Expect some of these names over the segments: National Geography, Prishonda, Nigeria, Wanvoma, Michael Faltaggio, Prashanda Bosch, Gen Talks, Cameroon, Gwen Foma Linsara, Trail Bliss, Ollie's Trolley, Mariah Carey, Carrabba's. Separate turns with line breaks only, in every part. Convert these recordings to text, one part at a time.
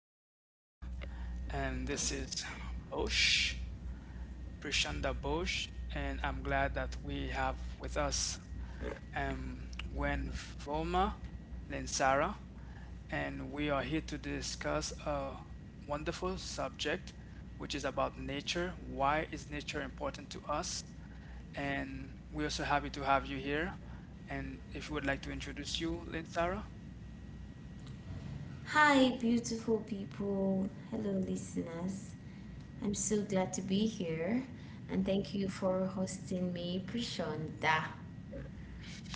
good afternoon. And this is Bosch, Prashanda Bosch, and I'm glad that we have with us um, Gwen Foma Linsara, and we are here to discuss a wonderful subject, which is about nature. Why is nature important to us? And we're also happy to have you here. And if you would like to introduce you, Linsara?
Hi, beautiful people. Hello, listeners. I'm so glad to be here and thank you for hosting me, Prishonda.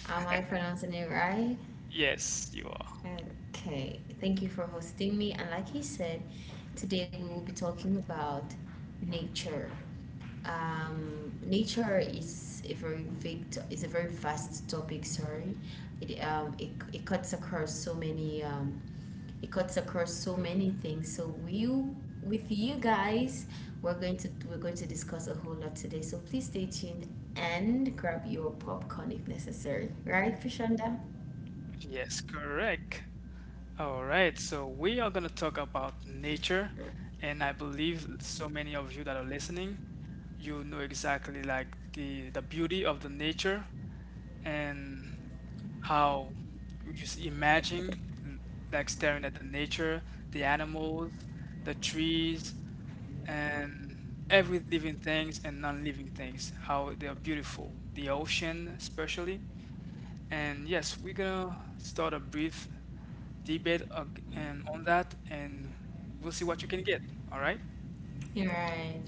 Am I pronouncing it right?
Yes, you are.
Okay, thank you for hosting me. And like he said, today we will be talking about nature. Nature is a very vast topic. Sorry, it it, it cuts across so many It cuts across so many things. So you with you guys, we're going to discuss a whole lot today. So please stay tuned and grab your popcorn if necessary. Right, Fashonda?
Yes, correct. All right, so we are going to talk about nature, and I believe so many of you that are listening, you know exactly like the beauty of the nature and how you just imagine like staring at the nature, the animals, the trees, and every living things and non-living things, how they are beautiful, the ocean especially. And yes, we're gonna start a brief debate ag- and on that, and we'll see what you can get. All right.
You're right.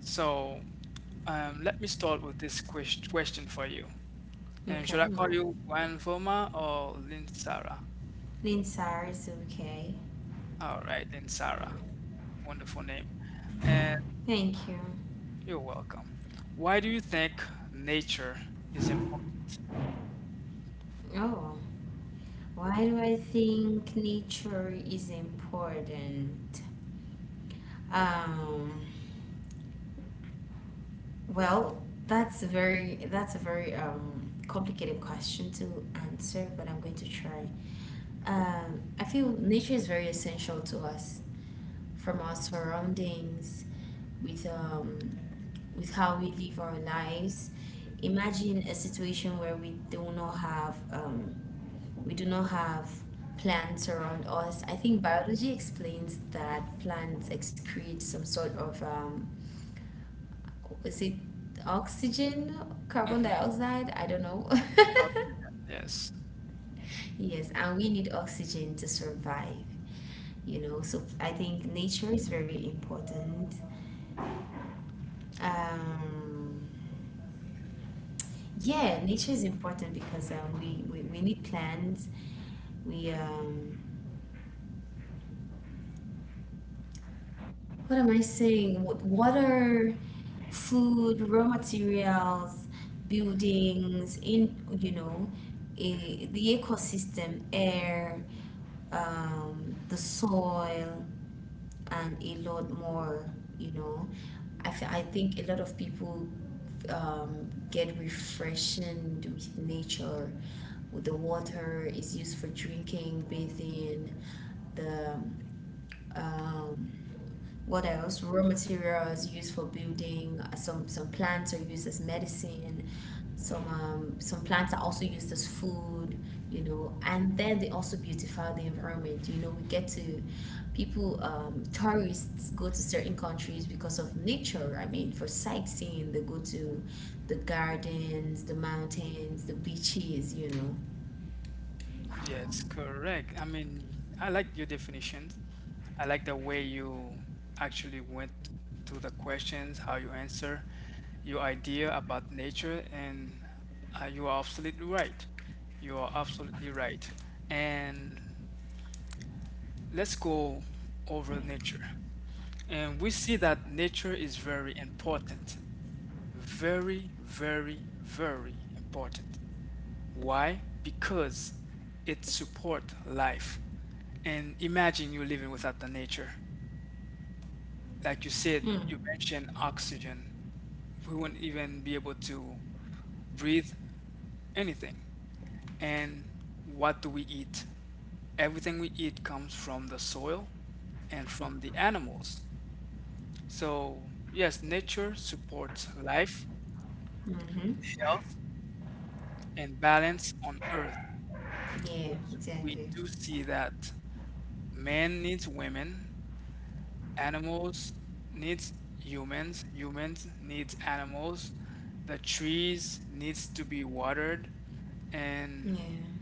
So let me start with this question for you. And
Okay.
should I
I'm
call
right.
you Wanvoma or Linsara?
Linsar is okay.
All right, Linsara. Wonderful name. And
Thank you.
you're welcome. Why do you think nature is important?
Oh. Why do I think nature is important? Um, well, that's a very complicated question to answer, but I'm going to try. I feel nature is very essential to us, from our surroundings, with um, with how we live our lives. Imagine a situation where we do not have plants around us. I think biology explains that plants excrete some sort of, is it oxygen, carbon
Hmm.
dioxide? I don't know.
Oxygen. Yes.
Yes, and we need oxygen to survive. So I think nature is very important. Um, yeah, nature is important because we need plants. We, um, what am I saying? Water, food, raw materials, buildings, in, you know, eh, the ecosystem, air, the soil, and a lot more. you know I think a lot of people get refreshing with nature, with the water is used for drinking, bathing. The um, what else? Raw material is used for building. Some plants are used as medicine. Some plants are also used as food, and then they also beautify the environment. You know, we get to tourists go to certain countries because of nature. I mean, for sightseeing, they go to the gardens, the mountains, the beaches.
Yes, correct. I mean, I like your definitions. I like the way you actually went to the questions, how you answer, your idea about nature, and you are absolutely right. You are absolutely right. And let's go over nature. And we see that nature is very important. Very, very, very important. Why? Because it supports life. And imagine you living without the nature. Like you said,
Mm.
you mentioned oxygen. We wouldn't even be able to breathe anything. And what do we eat? Everything we eat comes from the soil and from the animals. So, yes, nature supports life,
Mm-hmm.
health, and balance on Earth
Yeah,
because we
exactly.
do see that man needs women, animals needs humans, humans needs animals. The trees needs to be watered and
Yeah,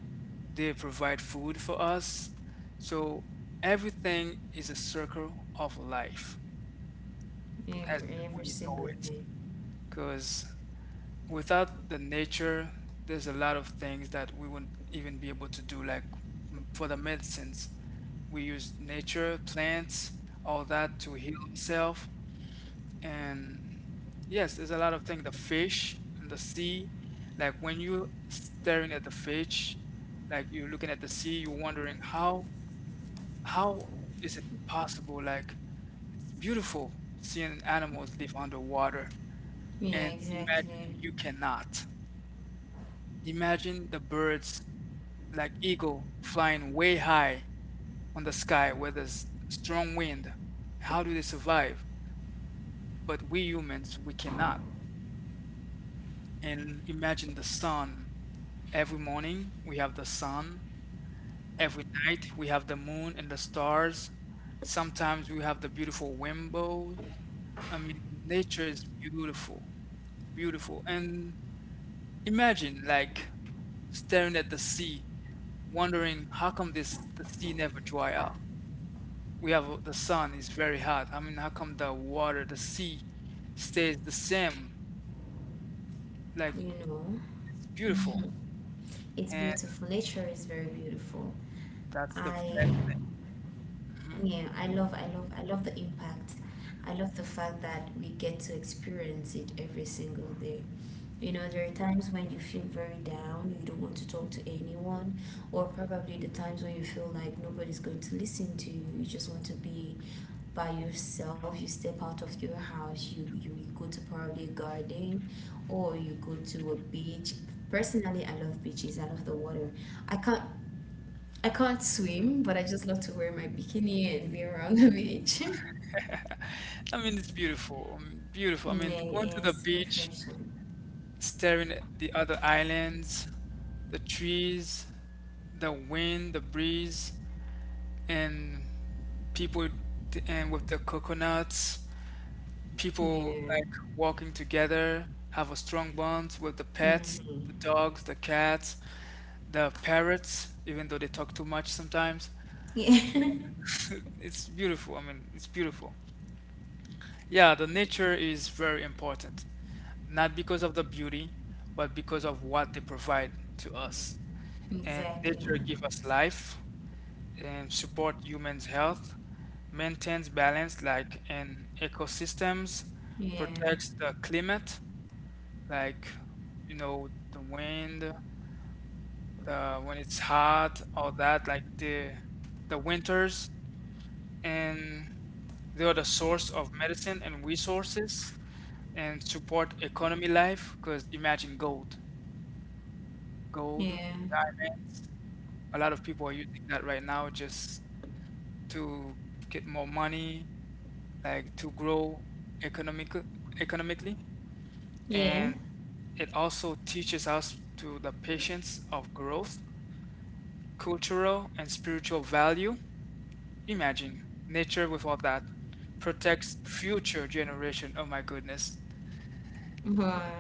they provide food for us. So everything is a circle of life as
every
we know
single
it.
thing.
Because without the nature, there's a lot of things that we wouldn't even be able to do. Like for the medicines, we use nature, plants, all that to heal ourselves. And yes, there's a lot of things. The fish and the sea, like when you staring at the fish, like you're looking at the sea, you're wondering how is it possible? Like it's beautiful seeing animals live underwater,
Yeah,
and imagine
exactly.
you cannot. Imagine the birds, like eagle, flying way high on the sky where there's strong wind. How do they survive? But we humans, we cannot. And imagine the sun. Every morning we have the sun. Every night we have the moon and the stars. Sometimes we have the beautiful rainbows. I mean, nature is beautiful, beautiful. And imagine like staring at the sea, wondering how come this the sea never dry up. We have the sun is very hot. I mean, how come the water, the sea stays the same? Like
You know,
it's beautiful.
it's beautiful. Nature is very beautiful.
That's the
I
best thing. Mhm.
Yeah, I love the impact. I love the fact that we get to experience it every single day. You know, there are times when you feel very down, you don't want to talk to anyone, or probably the times when you feel like nobody's going to listen to you. You just want to be by yourself. You step out of your house, you go to probably a garden or you go to a beach. Personally, I love beaches. I love the water. I can't I can't swim, but I just love to wear my bikini and be around the beach.
I mean, it's beautiful, beautiful. I
Yeah,
mean, going to the
yes,
beach,
refreshing.
staring at the other islands, the trees, the wind, the breeze, and people and with the coconuts, people
Yeah.
like walking together, have a strong bond with the pets,
Hmm.
the dogs, the cats, the parrots, even though they talk too much sometimes.
Yeah,
It's beautiful. I mean, it's beautiful. Yeah, the nature is very important, not because of the beauty, but because of what they provide to us. And
exactly.
nature gives us life and support humans' health, maintains balance like in ecosystems,
Yeah,
protects the climate, like you know the wind, the when it's hot, all that, like the winters and they are the source of medicine and resources and support economy life because imagine gold, gold,
yeah,
diamonds, a lot of people are using that right now just to get more money, like to grow economic economically.
yeah.
And it also teaches us to the patience of growth, cultural and spiritual value. Imagine nature without that protects future generation. Oh my goodness.
But,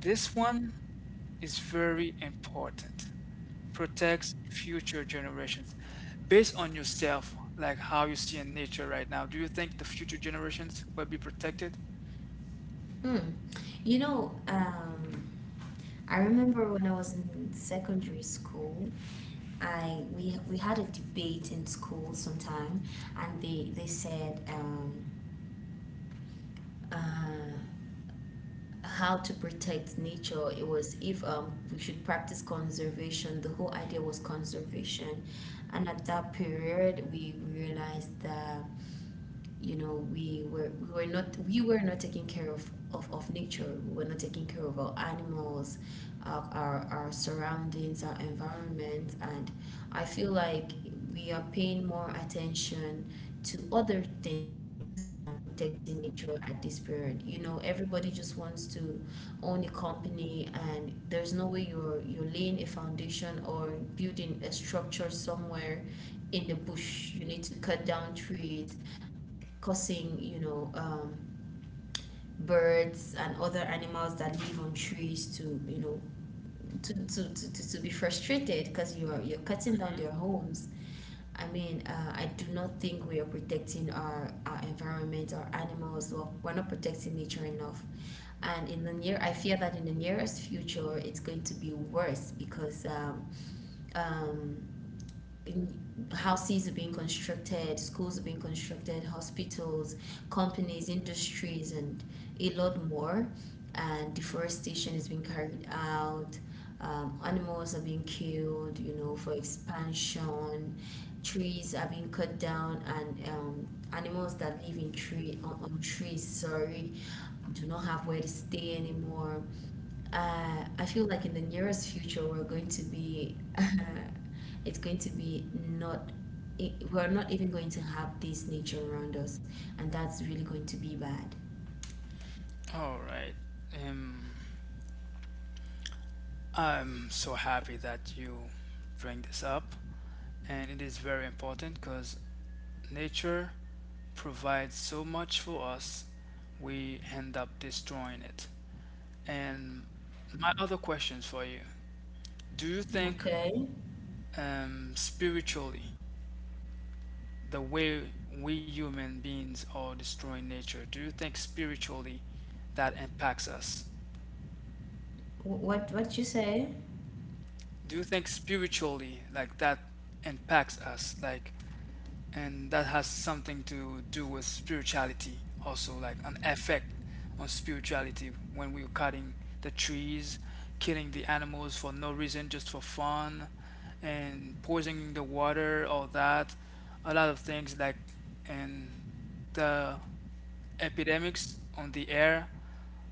This one is very important. Protects future generations. Based on yourself, like how you see in nature right now, do you think the future generations will be protected?
hmm. You know, I remember when I was in secondary school, I we had a debate in school sometime, and they said, uh, how to protect nature. It was if we should practice conservation. The whole idea was conservation, and at that period, we realized that, you know, we were not taking care of of nature. We were not taking care of our animals, our surroundings, our environment. And I feel like we are paying more attention to other things than protecting nature at this period. You know, everybody just wants to own a company, and there's no way. You're laying a foundation or building a structure somewhere in the bush, you need to cut down trees, causing, birds and other animals that live on trees to, to be frustrated because you're cutting down their homes. I mean, I do not think we are protecting our environment, our animals. Well, we're not protecting nature enough. And I fear that in the nearest future, it's going to be worse because um, in- houses are being constructed, schools are being constructed, hospitals, companies, industries, and a lot more. And deforestation is being carried out. Animals are being killed, for expansion. Trees are being cut down, and animals that live on trees, sorry, do not have where to stay anymore. I feel like in the nearest future we're going to be, it's going to be not. I We're not even going to have this nature around us, and that's really going to be bad.
All right. Um, I'm so happy that you bring this up, and it is very important because nature provides so much for us, we end up destroying it. And my other questions for you. Do you think
Okay.
spiritually, the way we human beings are destroying nature, do you think spiritually that impacts us?
What you say?
Do you think spiritually, like that impacts us? Like and that has something to do with spirituality also, like an effect on spirituality when we were cutting the trees, killing the animals for no reason just for fun and poisoning the water, all that, a lot of things like and the epidemics on the air,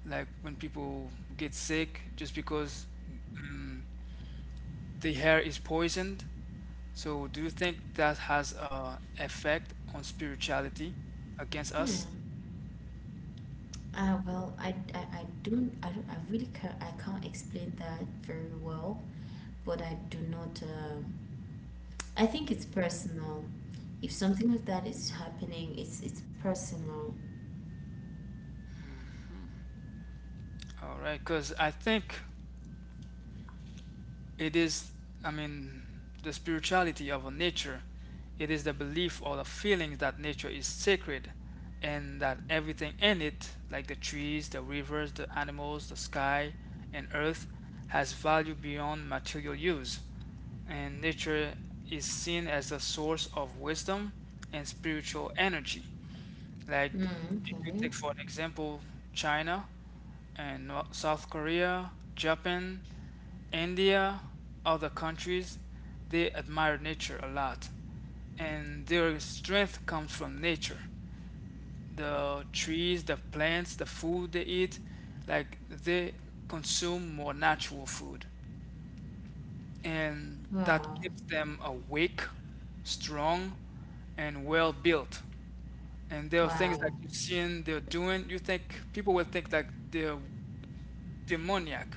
like when people get sick just because mm, the air is poisoned. So, do you think that has a effect on spirituality against
Hmm.
us?
Well, I really can't explain that very well, but I do not. I think it's personal. If something like that is happening, it's personal.
All right, because I think it is, I mean, the spirituality of a nature. It is the belief or the feeling that nature is sacred and that everything in it, like the trees, the rivers, the animals, the sky, and earth, has value beyond material use. And nature is seen as a source of wisdom and spiritual energy. Like,
Mm,
if
okay.
you take, for example, China and South Korea, Japan, India, other countries, they admire nature a lot. And their strength comes from nature. The trees, the plants, the food they eat, like, they consume more natural food. And that
Wow.
keeps them awake, strong, and well built. And there are things that
Wow.
you're seeing they're doing, you think people will think like they're demoniac,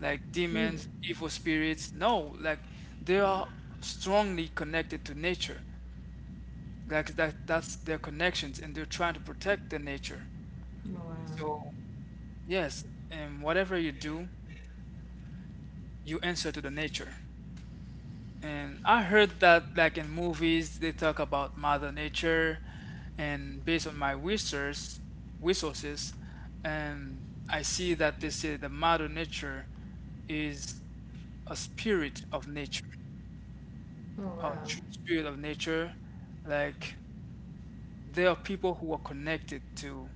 like
Hmm.
demons, evil spirits. No, like they are strongly connected to nature, like that, that's their connections and they're trying to protect the nature.
Wow.
So yes, and whatever you do, you answer to the nature. And I heard that, like in movies, they talk about Mother Nature, and based on my research, resources, and I see that they say the Mother Nature is a spirit of nature,
Oh,
a
wow.
true spirit of nature. Like there are people who are connected to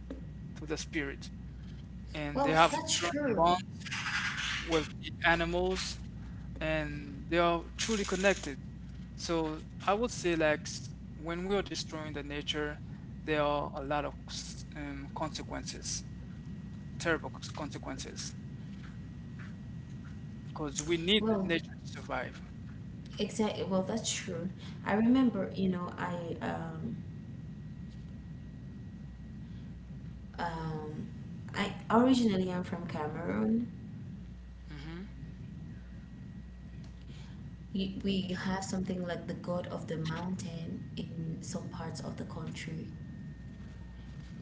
the spirit, and they
Well,
have
that's
strong
true.
bonds with the animals and they are truly connected. So I would say like when we are destroying the nature, there are a lot of consequences, terrible consequences, because we need
Well,
nature to survive.
exactly. Well, that's true. I remember, you know, um I originally I'm from Cameroon.
Hmm.
We have something like the god of the mountain in some parts of the country.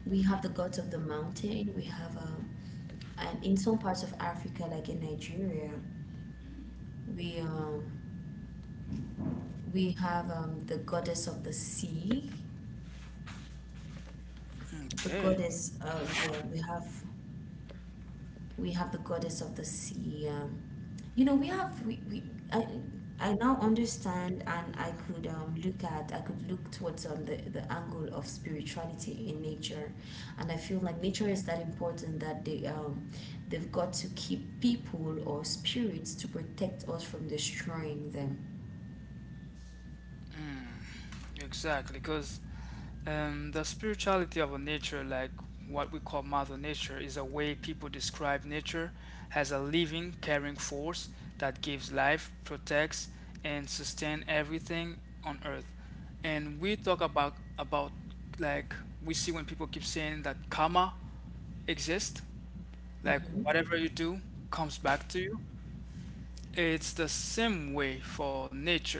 We have the gods of the mountain. We have And in some parts of Africa, like in Nigeria, we um we have the goddess of the sea. The
Okay.
goddess, yeah, we have the goddess of the sea. You know, we have we I I now understand, and I could look at I could look towards the angle of spirituality in nature, and I feel like nature is that important that they've got to keep people or spirits to protect us from destroying them.
Exactly, because the spirituality of a nature, like what we call Mother Nature, is a way people describe nature as a living, caring force that gives life, protects, and sustains everything on Earth. And we talk about like we see when people keep saying that karma exists, like
Mm-hmm.
whatever you do comes back to you, it's the same way for nature.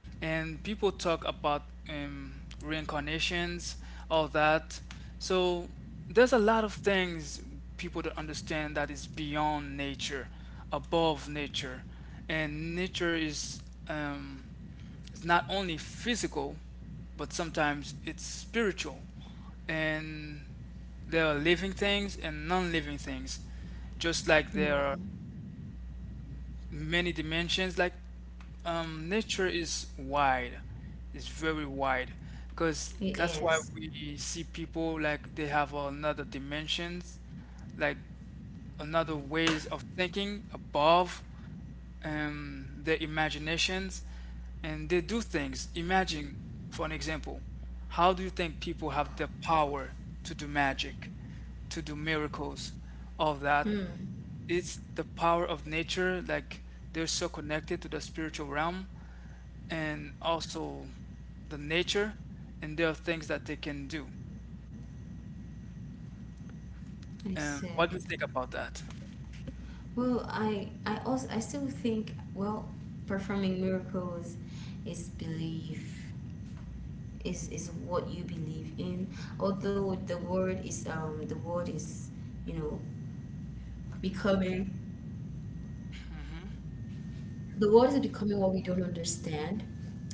And people talk about um, reincarnations, all that. So there's a lot of things people don't understand that is beyond nature, above nature. And nature is um, it's not only physical, but sometimes it's spiritual. And there are living things and non living things, just like there
Yeah,
are many dimensions. Like nature is wide, it's very wide, because
it
that's why
is.
we see people like they have another dimensions, like another ways of thinking above their imaginations, and they do things. Imagine, for an example, how do you think people have the power to do magic, to do miracles, all that?
Hmm.
It's the power of nature, like they're so connected to the spiritual realm and also the nature, and there are things that they can do.
I see.
What do you think about that?
Well, I still think, well, performing miracles is belief. Is what you believe in. Although you know, becoming the world is becoming what we don't understand,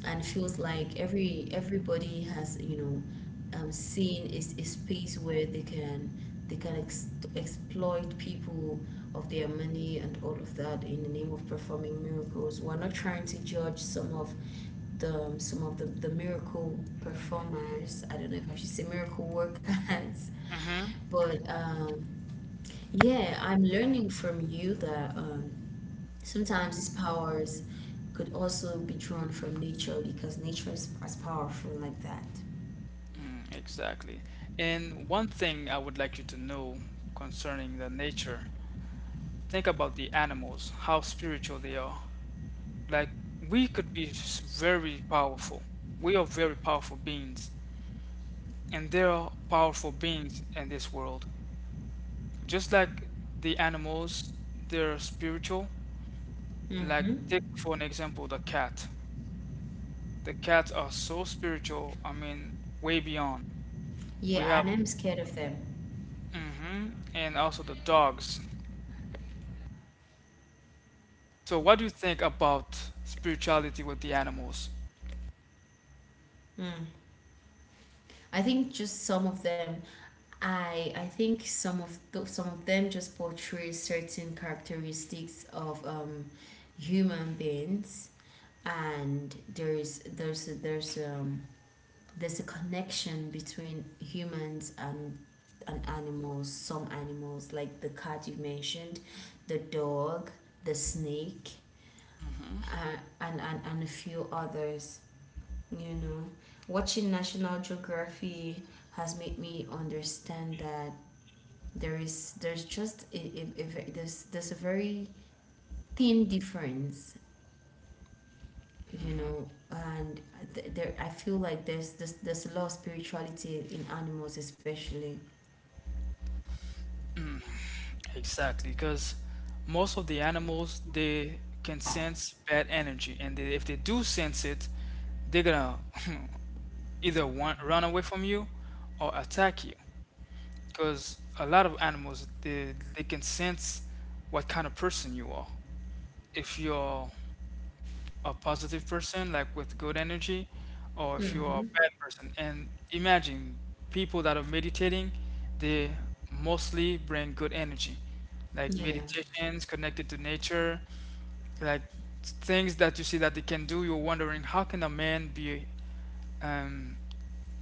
and feels like everybody has, seen is a space where they can exploit people of their money and all of that in the name of performing miracles. We're not trying to judge some of the miracle performers. I don't know if I should say miracle workers. but Yeah, I'm learning from you that sometimes these powers could also be drawn from nature because nature is as powerful like that.
exactly. And one thing I would like you to know concerning the nature, think about the animals, how spiritual they are. Like we could be very powerful, we are very powerful beings, and there are powerful beings in this world. Just like the animals, they're spiritual. Like
Mm-hmm.
take for an example the cat. The cats are so spiritual. I mean, way beyond. We
Yeah, and
have
I'm scared of them.
hmm and also the dogs. So what do you think about spirituality with the animals?
Mm. I think just some of them. I think some of them just portray certain characteristics of human beings, and there's a connection between humans and animals. Some animals, like the cat you mentioned, the dog, the snake
Hmm.
uh, and a few others. You know, watching national geography has made me understand that there is there's just a ve- there's a very thin difference, you know. And th- there I feel like there's a lot of spirituality in animals especially.
Exactly, because most of the animals they can sense bad energy, and they, if they do sense it, they're gonna either want, run away from you or attack you. Because a lot of animals they, can sense what kind of person you are, if you're a positive person, like with good energy, or if you're a
Hmm.
bad person. And imagine people that are meditating, they mostly bring good energy, like
Yeah.
meditations connected to nature. Like things that you see that they can do, you're wondering how can a man be um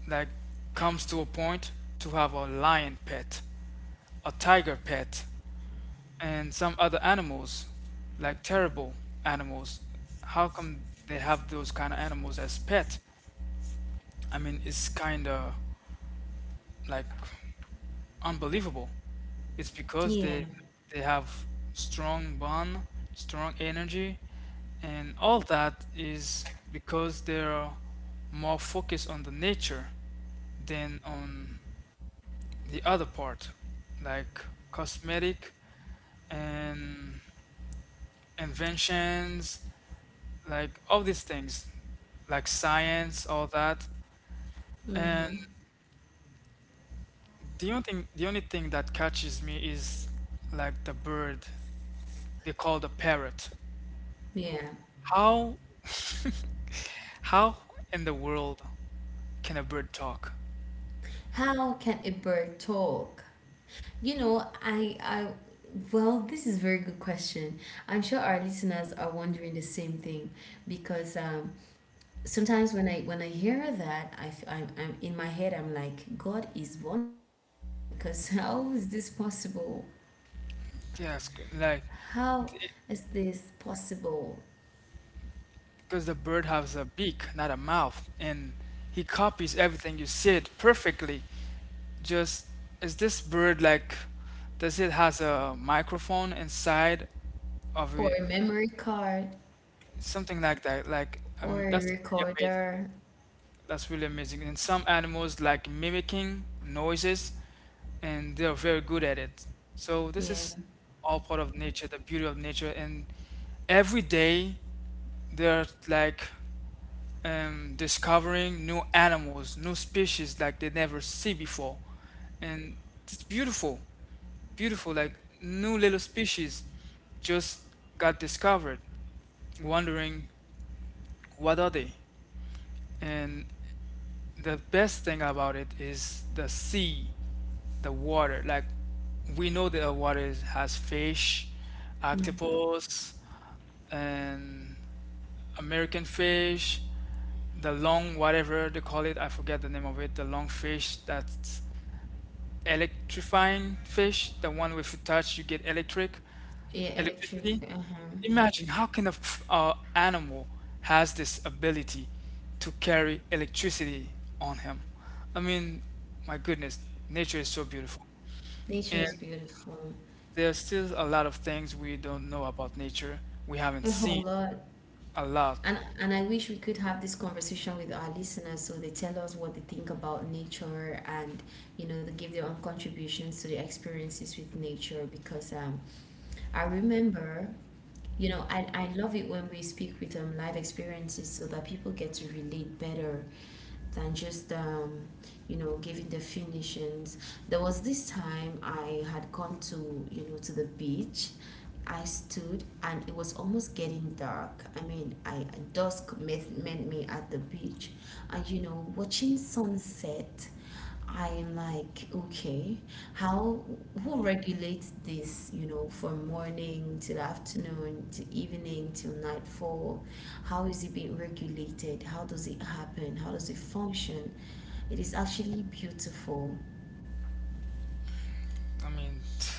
like comes to a point to have a lion pet, a tiger pet. And some other animals, like terrible animals, how come they have those kind of animals as pet? I mean, it's kind of like unbelievable. It's because they
Yeah.
they have strong bond, strong energy, and all that is because they're more focused on the nature than on the other part, like cosmetic and inventions like all these things, like science, all that.
Mm-hmm.
And the only thing that catches me is like the bird they call the parrot.
Yeah.
How, how in the world can a bird talk?
How can a bird talk? You know, I well, this is a very good question. I'm sure our listeners are wondering the same thing because sometimes when I hear that, I'm in my head I'm like, God is wonderful because how is this possible?
Yes, like
How is this possible?
because the bird has a beak, not a mouth, and he copies everything you said perfectly. Just is this bird like? Does it has a microphone inside of
Or a
it
memory card
something like that. Like
or a
that's really amazing.
recorder.
That's really amazing. And some animals like mimicking noises, and they are very good at it. So this
Yeah.
is all part of nature, the beauty of nature. And every day they're like discovering new animals, new species like they never see before, and it's beautiful, beautiful. Like new little species just got discovered wondering what are they? And the best thing about it is the sea, the water. Like we know that the water is, has fish,
Mm-hmm.
octopus, and American fish, the long whatever they call it. I forget the name of it. The long fish that's electrifying fish, the one if you touch you get electric.
Yeah, electric.
Electricity.
Uh-huh.
Imagine how can a animal has this ability to carry electricity on him. I mean, my goodness, nature is so beautiful.
Nature
And
is beautiful.
there's still a lot of things we don't know about nature. We haven't
A whole
seen
lot.
a lot.
And I wish we could have this conversation with our listeners so they tell us what they think about nature, and they give their own contributions to the experiences with nature, because I remember, you know, I love it when we speak with live experiences so that people get to relate better than just giving the finishings. There was this time I had gone to you know to the beach. I stood, and it was almost getting dark. I mean, I dusk met me at the beach, and, you know, watching sunset I am like, okay, how, who regulates this, you know, from morning till afternoon to evening till nightfall? How is it being regulated? How does it happen? How does it function? It is actually beautiful.
I mean,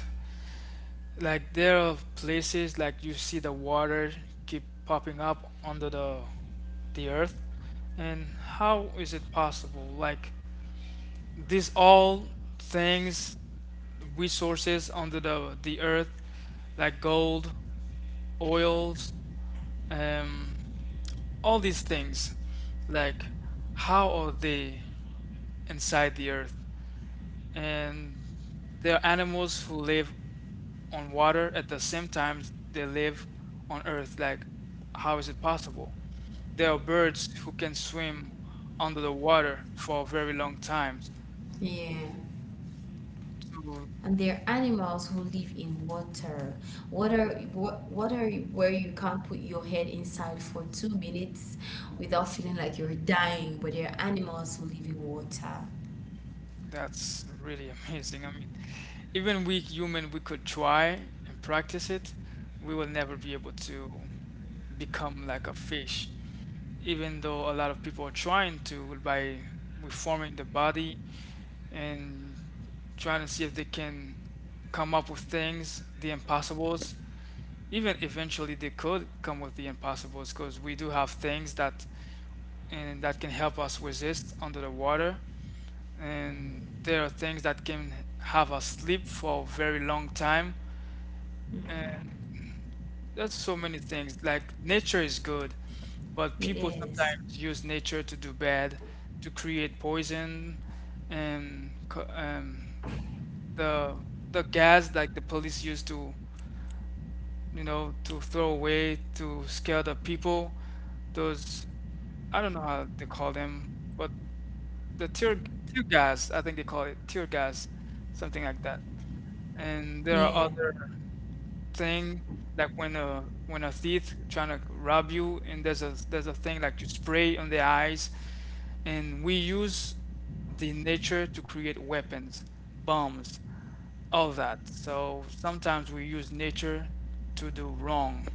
like there are places like you see the water keep popping up under the earth. And how is it possible? Like these all things, resources under the earth, like gold, oils, um, all these things, like how are they inside the earth? And there are animals who live on water at the same time they live on earth. Like, how is it possible? There are birds who can swim under the water for a very long time.
Yeah.
So
And there are animals who live in water. Water where you can't put your head inside for 2 minutes without feeling like you're dying, but there are animals who live in water.
that's really amazing. I mean, even we human, we could try and practice it. We will never be able to become like a fish, even though a lot of people are trying to by reforming the body and trying to see if they can come up with things, the impossibles. Even eventually, they could come with the impossibles because we do have things that and that can help us resist under the water, and there are things that can have us sleep for a very long time, and that's so many things like nature is good but
It
people
is.
sometimes use nature to do bad, to create poison and the the gas like the police use to you know to throw away to scare the people, those I don't know how they call them but the tear gas, I think they call it tear gas, something like that. And there are
Yeah,
other thing like when a thief trying to rob you, and there's a thing like you spray on the eyes, and we use the nature to create weapons, bombs, all that. So sometimes we use nature to do wrong,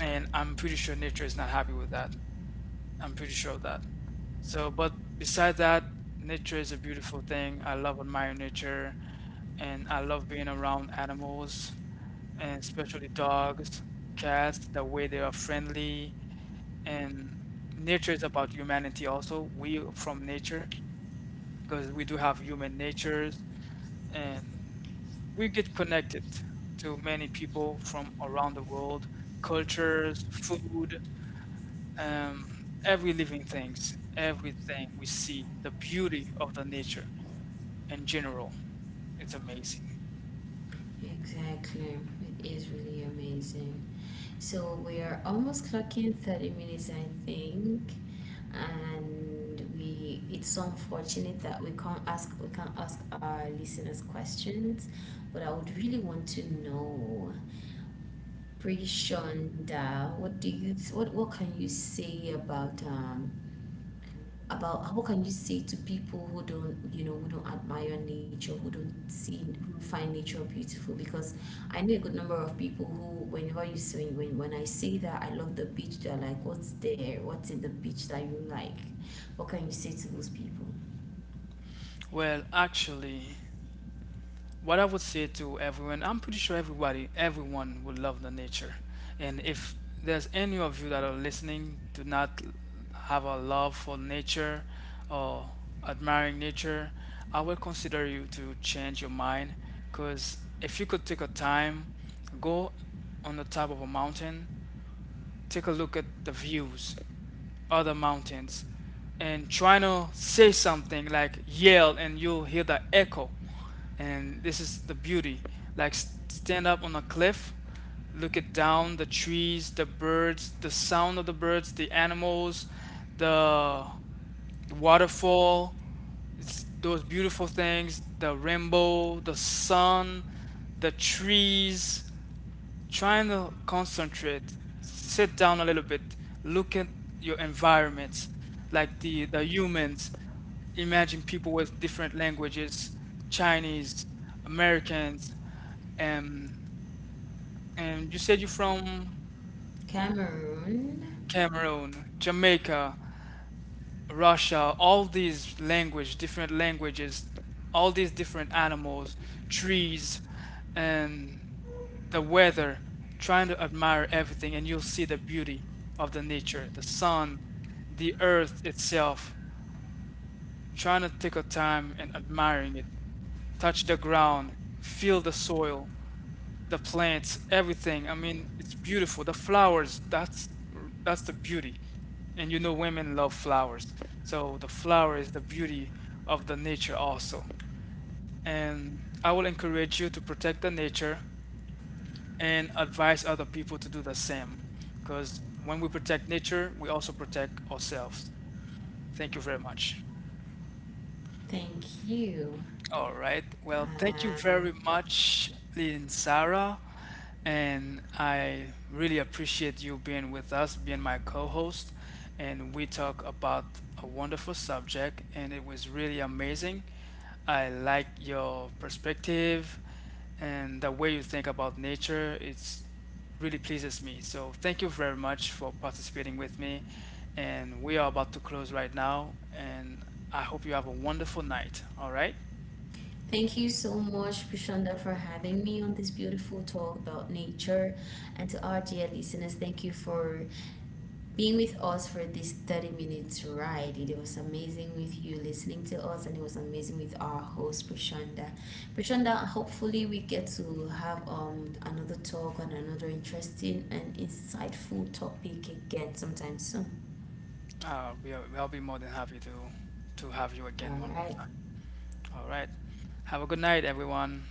and I'm pretty sure nature is not happy with that. I'm pretty sure of that. So, but besides that, nature is a beautiful thing. I love admiring nature, and I love being around animals, and especially dogs, cats, the way they are friendly. And nature is about humanity also. We from nature, because we do have human natures, and we get connected to many people from around the world, cultures, food, every living things, everything we see, the beauty of the nature in general. It's amazing.
exactly. It is really amazing. So we are almost clocking 30 minutes, I think. And we it's so unfortunate that we can't ask our listeners questions, but I would really want to know. Prishonda, what can you say about, about how can you say to people who don't, who don't admire nature, who don't see who find nature beautiful? Because I know a good number of people who, whenever you say, when I say that I love the beach, they're like, what's in the beach that you like? What can you say to those people?
Well, actually, what I would say to everyone, I'm pretty sure everybody, everyone would love the nature. And if there's any of you that are listening, do not have a love for nature or admiring nature, I will consider you to change your mind. Because if you could take a time, go on the top of a mountain, take a look at the views, other mountains, and trying to say something like yell, and you'll hear the echo. And this is the beauty. Like stand up on a cliff, look it down, the trees, the birds, the sound of the birds, the animals, the waterfall, it's those beautiful things, the rainbow, the sun, the trees trying to concentrate, sit down a little bit, look at your environment, like the humans. Imagine people with different languages, Chinese, Americans, and and you said you're from
Cameroon.
Cameroon, Jamaica. Russia, all these language, different languages, all these different animals, trees, and the weather, trying to admire everything, and you'll see the beauty of the nature, the sun, the earth itself, trying to take a time and admiring it, touch the ground, feel the soil, the plants, everything. I mean, it's beautiful. The flowers, that's the beauty. And you know women love flowers. So the flower is the beauty of the nature also. And I will encourage you to protect the nature and advise other people to do the same. Because when we protect nature, we also protect ourselves. Thank you very much.
Thank you.
All right. Well, thank you
um,
very much, Lee Sarah. And I really appreciate you being with us, being my co host. And we talk about a wonderful subject, and it was really amazing. I like your perspective and the way you think about nature. It's really pleases me. So thank you very much for participating with me. And we are about to close right now. And I hope you have a wonderful night. All right.
Thank you so much, Prashanda, for having me on this beautiful talk about nature. And to our dear listeners, thank you for being with us for this 30 minutes ride. It was amazing with you listening to us, and it was amazing with our host, Prashanda. Prashanda, hopefully, we get to have another talk on another interesting and insightful topic again sometime soon.
We are, I'll be more than happy to have you
All
again one more
right.
time. All right. Have a good night, everyone.